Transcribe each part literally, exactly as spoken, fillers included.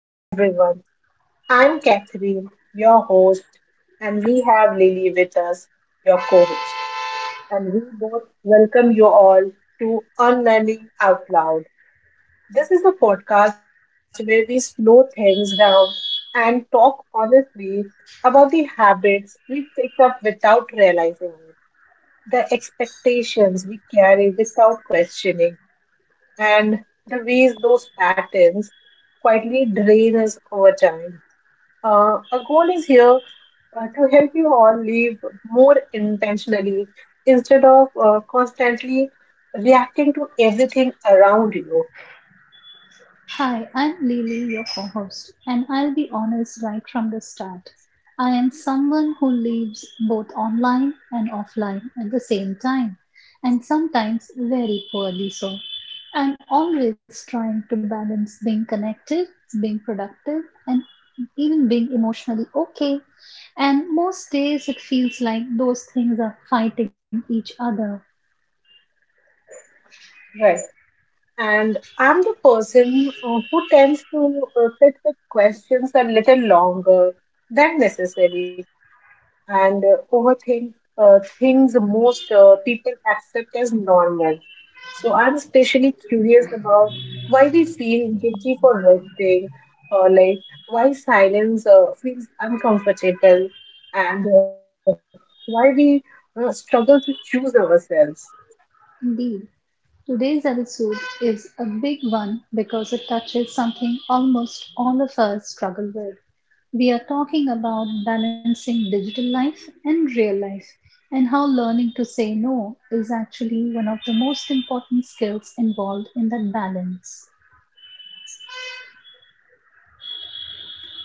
Hi everyone, I'm Catherine, your host, and we have Lily with us, your co host. And we both welcome you all to Unlearning Out Loud. This is a podcast where we slow things down and talk honestly about the habits we picked up without realizing it, the expectations we carry without questioning, and the ways those patterns quietly drain us over time. Uh, our goal is here uh, to help you all live more intentionally instead of uh, constantly reacting to everything around you. Hi, I'm Lily, your co host, and I'll be honest right from the start. I am someone who lives both online and offline at the same time, and sometimes very poorly so. I'm always trying to balance being connected, being productive, and even being emotionally okay. And most days it feels like those things are fighting each other. Right. And I'm the person uh, who tends to uh, sit with questions a little longer than necessary and uh, overthink uh, things most uh, people accept as normal. So I'm especially curious about why we feel guilty for resting, or like why silence uh, feels uncomfortable, and uh, why we uh, struggle to choose ourselves. Indeed. Today's episode is a big one because it touches something almost all of us struggle with. We are talking about balancing digital life and real life, and how learning to say no is actually one of the most important skills involved in that balance.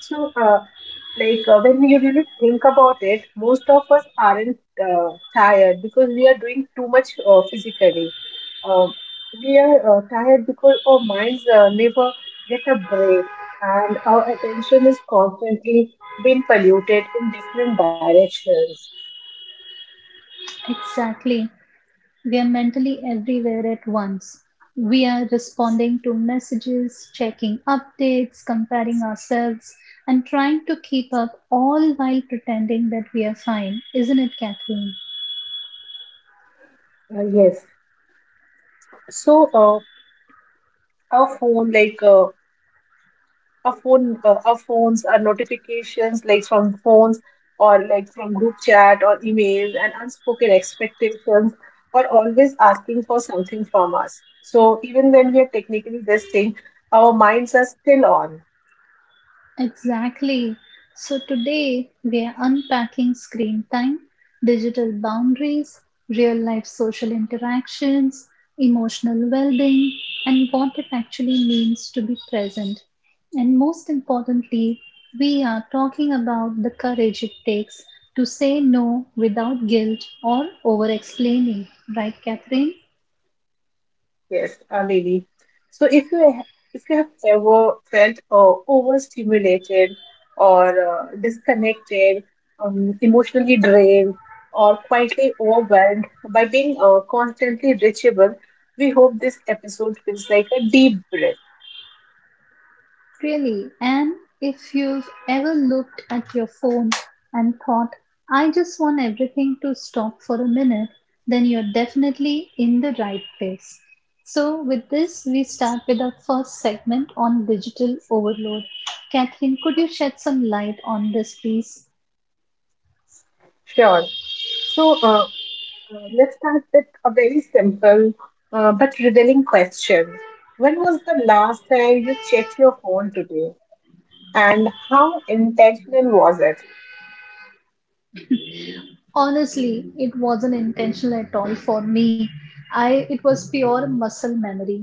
So, uh, like uh, when we really think about it, most of us aren't uh, tired because we are doing too much uh, physically. Um we are uh, tired because our minds uh, never get a break and our attention is constantly being polluted in different directions. Exactly. We are mentally everywhere at once. We are responding to messages, checking updates, comparing ourselves, and trying to keep up all while pretending that we are fine. Isn't it, Kathleen? Uh, yes. So uh, our phone, like uh, our phone uh, our phones, our notifications, like from phones or like from group chat or emails and unspoken expectations, are always asking for something from us, so even when we are technically resting, our minds are still on. Exactly. So today we are unpacking screen time, digital boundaries, real life social interactions, emotional well being, and what it actually means to be present. And most importantly, we are talking about the courage it takes to say no without guilt or over explaining, right, Catherine? Yes, uh, Lily. So if you ha- if you have ever felt uh, overstimulated or uh, disconnected, um, emotionally drained, or quietly overwhelmed by being uh, constantly reachable, we hope this episode feels like a deep breath. Really, and if you've ever looked at your phone and thought, I just want everything to stop for a minute, then you're definitely in the right place. So, with this, we start with our first segment on digital overload. Catherine, could you shed some light on this, please? Sure. So uh, uh, let's start with a very simple uh, but revealing question. When was the last time you checked your phone today, and how intentional was it? Honestly, it wasn't intentional at all for me. I it was pure muscle memory.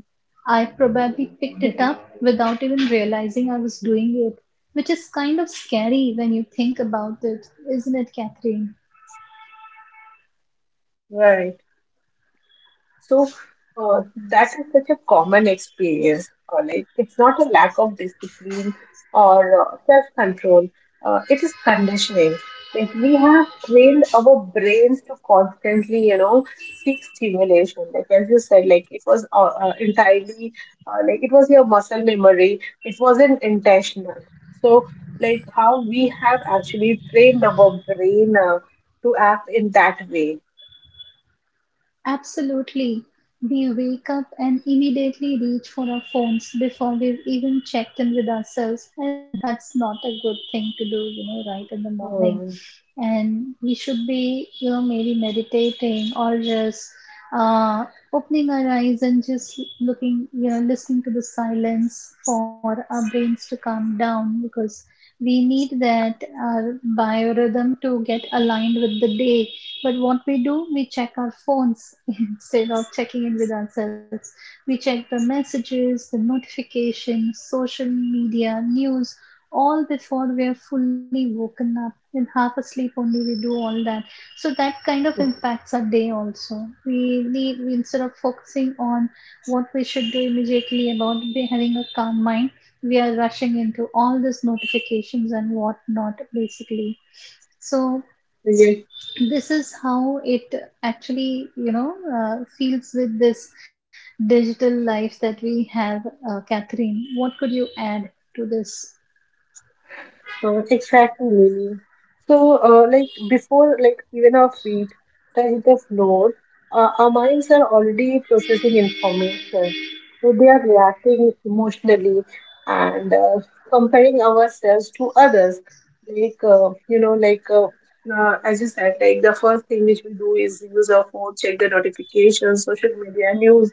I probably picked it up without even realizing I was doing it, which is kind of scary when you think about it, isn't it, Catherine? Right. So uh, that is such a common experience. uh, Like, it's not a lack of discipline or uh, self-control. Uh, it is conditioning. Like, we have trained our brains to constantly, you know, seek stimulation. Like, as you said, like it was uh, uh, entirely, uh, like it was your muscle memory. It wasn't intentional. So, like, how we have actually trained our brain uh, to act in that way. Absolutely. We wake up and immediately reach for our phones before we've even checked in with ourselves, and that's not a good thing to do, you know, right in the morning. Um, And we should be, you know, maybe meditating or just uh, opening our eyes and just looking, you know, listening to the silence for our brains to calm down, because we need that, our biorhythm to get aligned with the day. But what we do, we check our phones instead of checking in with ourselves. We check the messages, the notifications, social media, news, all before we are fully woken up. In half asleep only, we do all that. So that kind of impacts our day also. We need we, instead of focusing on what we should do immediately about be having a calm mind, we are rushing into all these notifications and whatnot basically. So this is how it actually, you know, uh, feels with this digital life that we have. Uh, catherine, what could you add to this? Oh, exactly, Lily. So, uh, like before, like even our feet touch the floor, uh, our minds are already processing information. So they are reacting emotionally and uh, comparing ourselves to others. Like, uh, you know, like uh, uh, as you said, like the first thing which we do is use our phone, check the notifications, social media, news.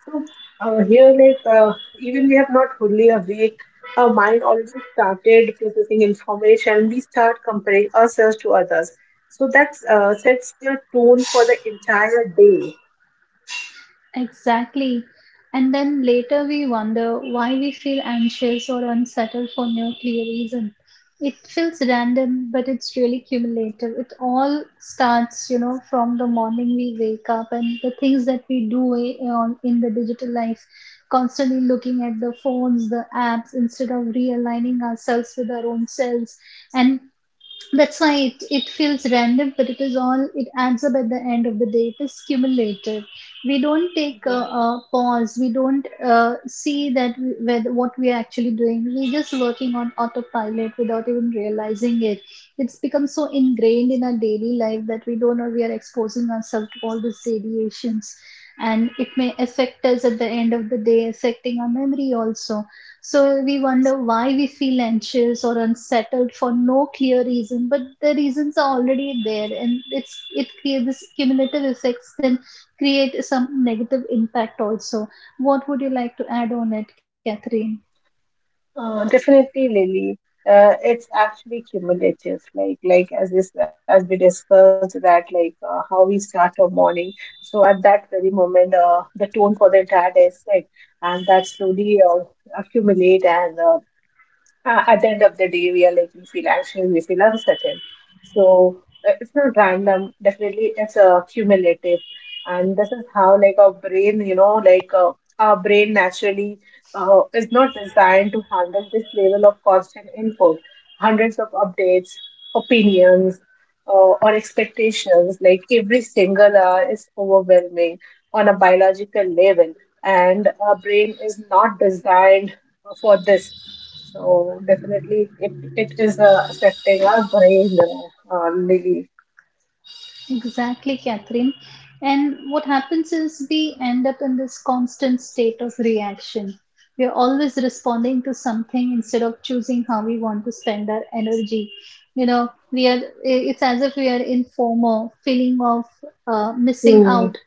So uh, here, like uh, even we have not fully awake, our mind already started processing information. We start comparing ourselves to others. So that uh, sets the tone for the entire day. Exactly. And then later we wonder why we feel anxious or unsettled for no clear reason. It feels random, but it's really cumulative. It all starts, you know, from the morning we wake up and the things that we do i- on in the digital life, constantly looking at the phones, the apps, instead of realigning ourselves with our own selves. And that's why it, it feels random, but it is all, it adds up at the end of the day. It is cumulative. We don't take a, Right. A pause. We don't uh, see that we, whether, what we are actually doing. We're just working on autopilot without even realizing it. It's become so ingrained in our daily life that we don't know we are exposing ourselves to all these radiations. And it may affect us at the end of the day, affecting our memory also. So we wonder why we feel anxious or unsettled for no clear reason, but the reasons are already there, and it's it creates this cumulative effects, then create some negative impact also. What would you like to add on it, Catherine? Uh, definitely, Lily. Uh, it's actually cumulative, like like as this as we discussed, that like uh, how we start our morning. So at that very moment, uh, the tone for the entire day is set, and that slowly uh, accumulate and uh, uh, at the end of the day, we are like, we feel anxious, we feel uncertain. So uh, it's not random. Definitely, it's uh, cumulative. And this is how, like, our brain, you know, like, uh, our brain naturally uh, is not designed to handle this level of constant input, hundreds of updates, opinions, uh, or expectations. Like, every single hour is overwhelming on a biological level. And our brain is not designed for this, so definitely, it, it is uh, affecting our brain, you know, uh, Lily. Exactly, Catherine. And what happens is we end up in this constant state of reaction. We are always responding to something instead of choosing how we want to spend our energy. You know, we are, it's as if we are in FOMO, feeling of uh, missing out.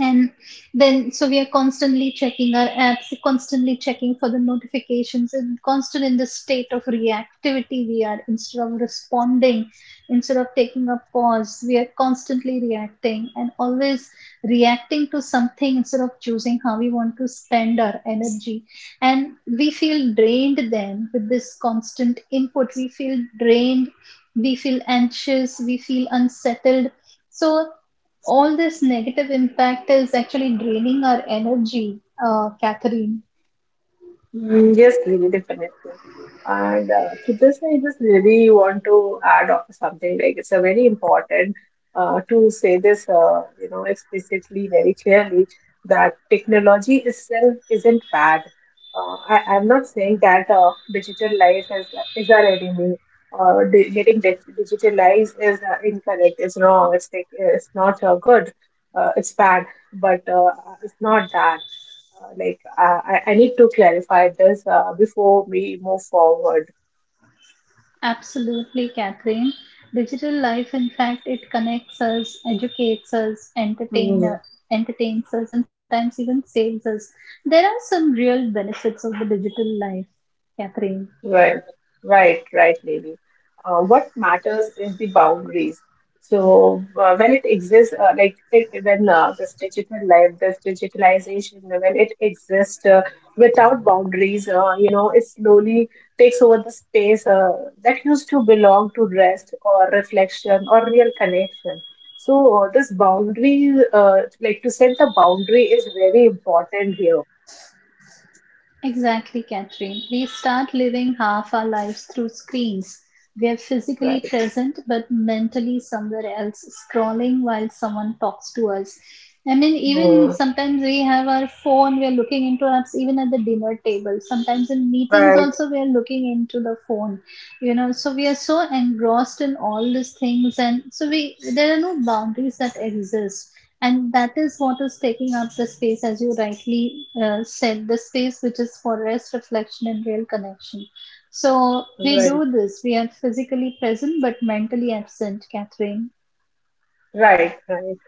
And then so we are constantly checking our apps, constantly checking for the notifications, and constant in the state of reactivity we are, instead of responding. Instead of taking a pause, we are constantly reacting, and always reacting to something instead of choosing how we want to spend our energy. And we feel drained, then with this constant input we feel drained. We feel anxious, we feel unsettled. So all this negative impact is actually draining our energy, uh, Catherine. Mm, yes, really, definitely. And uh, to this, I just really want to add on something, like, it's a very important uh, to say this, uh, you know, explicitly, very clearly, that technology itself isn't bad. Uh, I, I'm not saying that uh, digital life is, is our enemy. Uh, di- getting dig- digitalized is uh, incorrect, it's wrong, it's, it's not uh, good, uh, it's bad, but uh, it's not that. Uh, like, uh, I, I need to clarify this uh, before we move forward. Absolutely, Catherine. Digital life, in fact, it connects us, educates us, entertain, uh, entertains us, and sometimes even saves us. There are some real benefits of the digital life, Catherine. Right, right, right, lady. Uh, what matters is the boundaries. So uh, when it exists, uh, like it, when uh, this digital life, this digitalization, when it exists uh, without boundaries, uh, you know, it slowly takes over the space uh, that used to belong to rest or reflection or real connection. So uh, this boundary, uh, like to set the boundary, is very important here. Exactly, Catherine. We start living half our lives through screens. We're physically Right. present, but mentally somewhere else, scrolling while someone talks to us. I mean, even Mm, sometimes we have our phone, we're looking into apps, even at the dinner table. Sometimes in meetings, right. also, we're looking into the phone, you know. So we are so engrossed in all these things, and so we there are no boundaries that exist, and that is what is taking up the space, as you rightly uh, said, the space which is for rest, reflection, and real connection. So we Right. do this, we are physically present but mentally absent, Catherine. Right, right.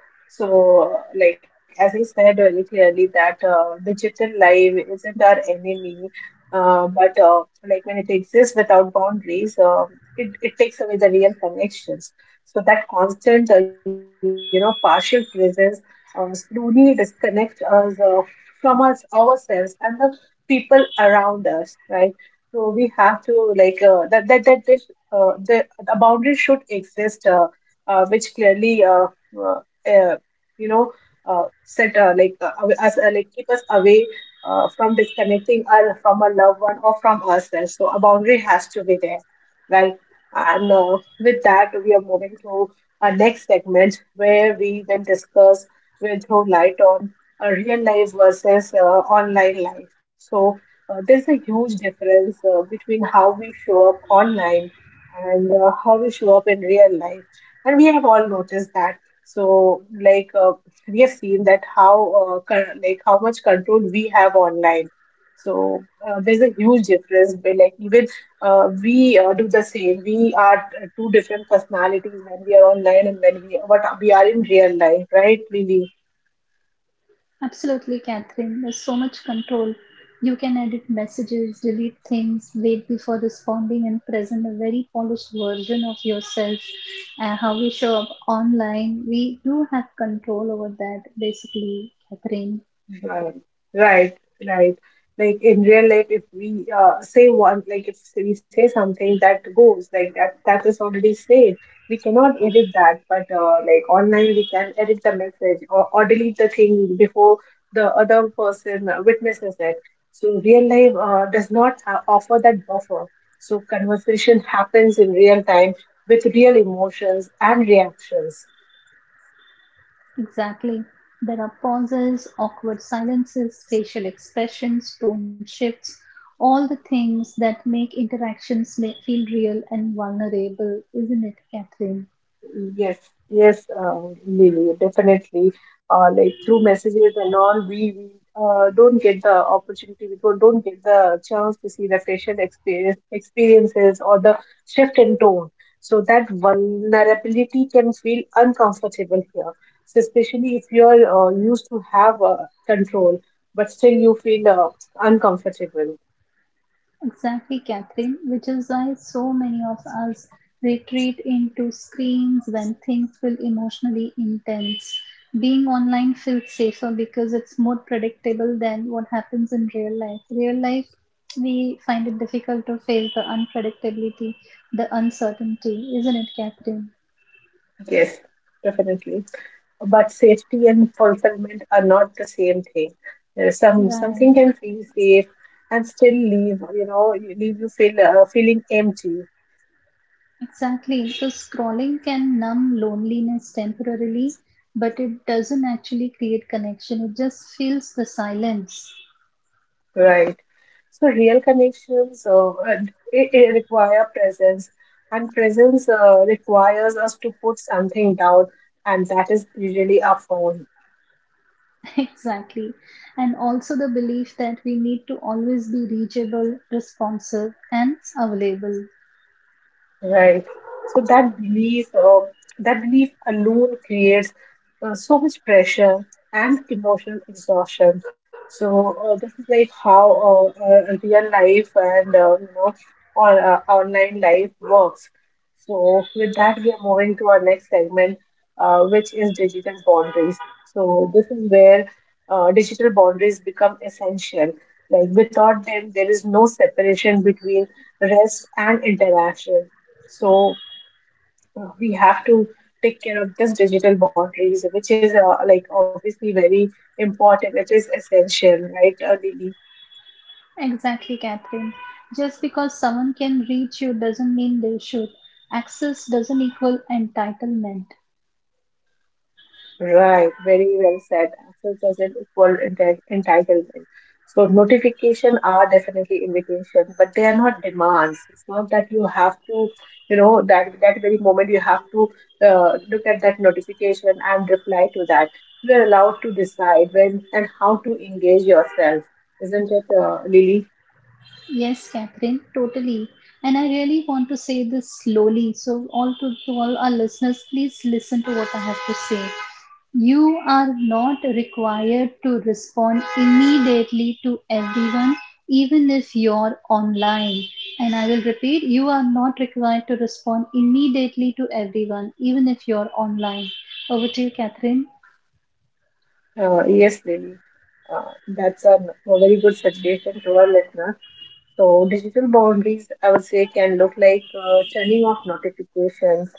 So, like as I said very clearly, that uh, digital life isn't our enemy, uh, but uh, like when it exists without boundaries, uh, it it takes away the real connections. So that constant, uh, you know, partial presence uh, slowly disconnect us uh, from us ourselves and the people around us, right? So we have to like uh, that that that this, uh, the the boundary should exist. Uh, uh, which clearly uh, uh, uh, you know, uh, set uh, like uh, aw- us uh, like, keep us away uh, from disconnecting our from our loved one or from ourselves. So a boundary has to be there, right? And uh, with that, we are moving to our next segment, where we will discuss, will throw light on, a real life versus uh, online life. So uh, there's a huge difference uh, between how we show up online and uh, how we show up in real life, and we have all noticed that. So, like uh, we have seen that, how uh, con- like how much control we have online. So uh, there's a huge difference. But like, even uh, we uh, do the same. We are t- two different personalities when we are online and when we what we are in real life, right, Lily? Absolutely, Catherine, there's so much control. You can edit messages, delete things, wait before responding, and present a very polished version of yourself. Uh, how we show up online, we do have control over that basically, Catherine. Right, right, right. Like in real life, if we uh, say one, like if we say something that goes like that, that is already said. We cannot edit that, but uh, like online, we can edit the message or, or delete the thing before the other person uh, witnesses it. So real life uh, does not ha- offer that buffer. So conversation happens in real time with real emotions and reactions. Exactly. There are pauses, awkward silences, facial expressions, tone shifts, all the things that make interactions may feel real and vulnerable, isn't it, Catherine? Yes, yes, uh, Lily, definitely. Uh, like through messages and all, we, we uh, don't get the opportunity, we don't, don't get the chance to see the patient experience, experiences, or the shift in tone. So that vulnerability can feel uncomfortable here. So especially if you're uh, used to have uh, control, but still you feel uh, uncomfortable. Exactly, Catherine, which is why so many of us retreat into screens when things feel emotionally intense. Being online feels safer because it's more predictable than what happens in real life. Real life, we find it difficult to face the unpredictability, the uncertainty, isn't it, Catherine? Yes, definitely. But safety and fulfillment are not the same thing. Uh, Some Right. Something can feel safe and still leave, you know, you- leave you feel uh, feeling empty, Exactly. So scrolling can numb loneliness temporarily, but it doesn't actually create connection. It just fills the silence. right? So real connections uh, uh, it, it require presence, and presence uh, requires us to put something down, and that is usually our phone. Exactly. And also the belief that we need to always be reachable, responsive, and available. Right. So that belief, uh, that belief alone creates uh, so much pressure and emotional exhaustion. So uh, this is like how uh, uh, real life and uh, you know, or uh, online life works. So with that, we are moving to our next segment, uh, which is digital boundaries. So this is where uh, digital boundaries become essential. Like without them, there is no separation between rest and interaction. So uh, we have to take care of this digital boundaries, which is uh, like, obviously very important. It is essential, right, uh, Lily? Exactly, Catherine. Just because someone can reach you doesn't mean they should. Access doesn't equal entitlement. Right, very well said. Access doesn't equal enti- entitlement. So notification are definitely invitation, but they are not demands. It's not that you have to, you know, that that very moment you have to uh, look at that notification and reply to that. You are allowed to decide when and how to engage yourself, isn't it, uh, Lily? Yes, Catherine, totally. And I really want to say this slowly. So, all to, to all our listeners, please listen to what I have to say. You are not required to respond immediately to everyone, even if you're online. And I will repeat, you are not required to respond immediately to everyone, even if you're online. Over to you, Catherine. Uh, yes, Lily. Uh, that's a, very good suggestion to our listeners. So digital boundaries, I would say, can look like uh, turning off notifications,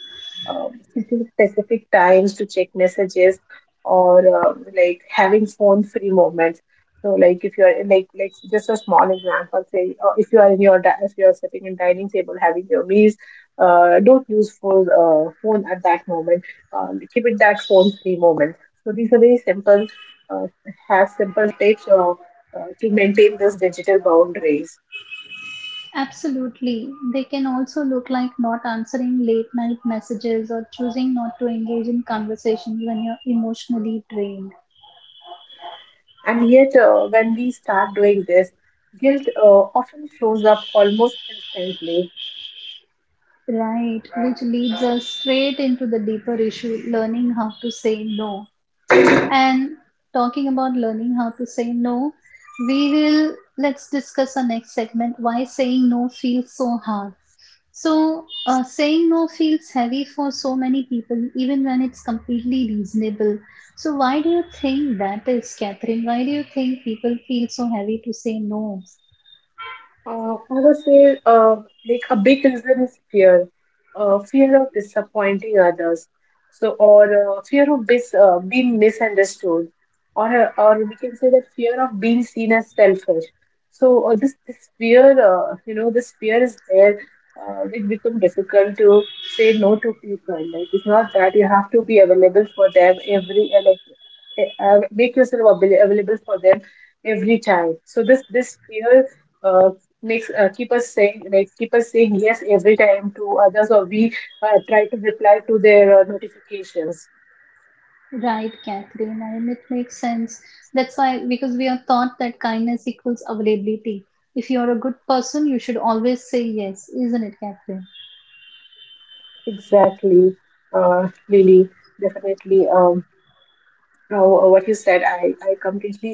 um, setting specific times to check messages, or um, like having phone-free moments. So, like if you're like like just a small example, say uh, if you are in your di- if you are sitting in dining table having your meals, uh, don't use phone uh, phone at that moment. Um, keep it that phone-free moment. So these are very simple, uh, have simple tips uh, uh, to maintain those digital boundaries. Absolutely. They can also look like not answering late night messages or choosing not to engage in conversations when you're emotionally drained. And yet, uh, when we start doing this, guilt uh, often shows up almost instantly. Right, which leads us straight into the deeper issue, learning how to say no. And talking about learning how to say no, we will let's discuss our next segment, why saying no feels so hard. So, uh, saying no feels heavy for so many people, even when it's completely reasonable. So, why do you think that is, Catherine? Why do you think people feel so heavy to say no? Uh, I would say, uh, like, a big reason is fear, uh, fear of disappointing others, so or uh, fear of bis uh, being misunderstood, or uh, or we can say that fear of being seen as selfish. So uh, this this fear, uh, you know, this fear is there, uh, which become difficult to say no to people. Like it's not that you have to be available for them every uh, like uh, uh, make yourself avail- available for them every time. So this this fear Uh, makes uh, keep us saying like keep us saying yes every time to others, or we uh, try to reply to their uh, notifications. Right, Catherine. I mean, it makes sense. That's why, because we are taught that kindness equals availability. If you're a good person, you should always say yes, isn't it, Catherine? Exactly, uh Lily. Definitely. Um uh, what you said, i i completely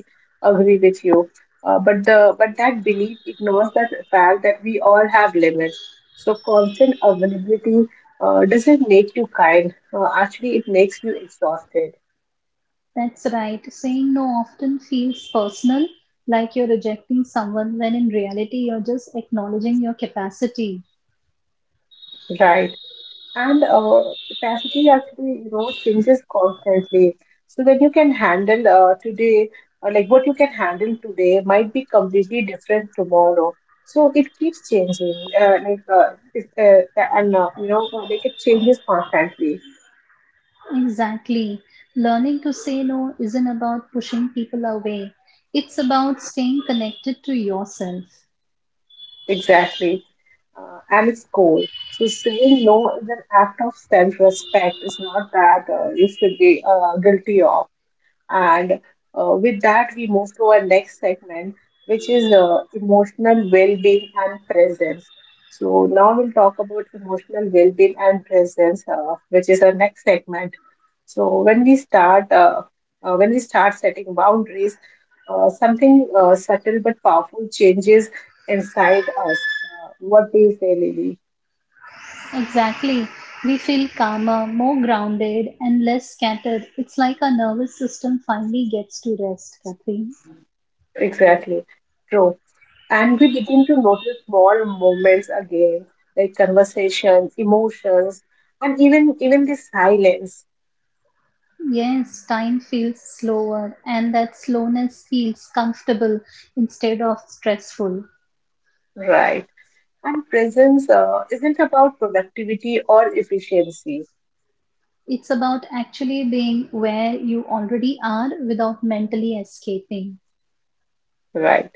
agree with you. Uh, but the but that belief ignores that fact that we all have limits. So constant availability uh, doesn't make you kind. Uh, actually, it makes you exhausted. That's right. Saying no often feels personal, like you're rejecting someone, when in reality, you're just acknowledging your capacity. Right. And uh, capacity, actually, you know, changes constantly. So when you can handle uh, today, or like, what you can handle today might be completely different tomorrow. So it keeps changing. Uh, like uh, it- uh, and uh, You know, uh, like, it changes constantly. Exactly. Learning to say no isn't about pushing people away, it's about staying connected to yourself. Exactly. Uh, and it's cool, so saying no is an act of self-respect. It's not that uh, you should be uh, guilty of. And uh, with that, we move to our next segment, which is uh, emotional well being and presence. So, now we'll talk about emotional well being and presence, uh, which is our next segment. So, when we start, uh, uh, when we start setting boundaries, uh, something uh, subtle but powerful changes inside us. Uh, what do you say, Lily? Exactly. We feel calmer, more grounded, and less scattered. It's like our nervous system finally gets to rest, Kathy. Exactly. True. And we begin to notice small moments again, like conversations, emotions, and even even the silence, Yes, time feels slower, and that slowness feels comfortable instead of stressful. right? And presence uh, isn't about productivity or efficiency, It's about actually being where you already are without mentally escaping. right?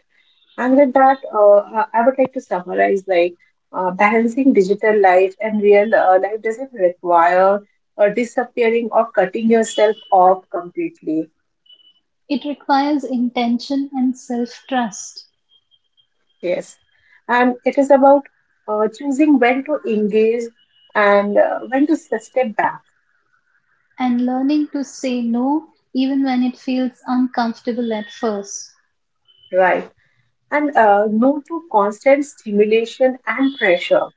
And with that, uh, I I would like to summarize, like, uh, balancing digital life and real uh, life doesn't require uh, disappearing or cutting yourself off completely. It requires intention and self trust, Yes, and it is about uh, choosing when to engage and uh, when to s- step back, and learning to say no even when it feels uncomfortable at first. right? And uh, no to constant stimulation and pressure,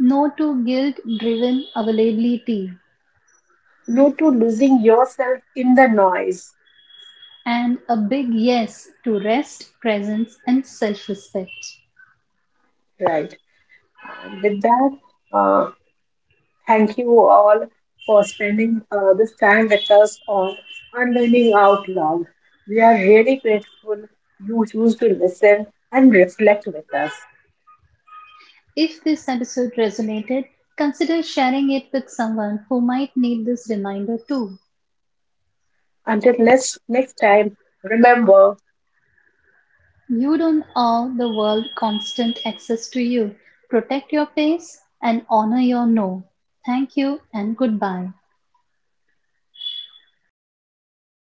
No to guilt driven availability, no to losing yourself in the noise, and a big yes to rest, presence, and self respect. right? And with that, uh, thank you all for spending uh, this time with us on Unlearning Out Loud. We are really grateful you choose to listen and reflect with us. If this episode resonated, consider sharing it with someone who might need this reminder too. Until next next time, remember You don't owe the world constant access to you. Protect your pace and honor your no. Thank you and goodbye.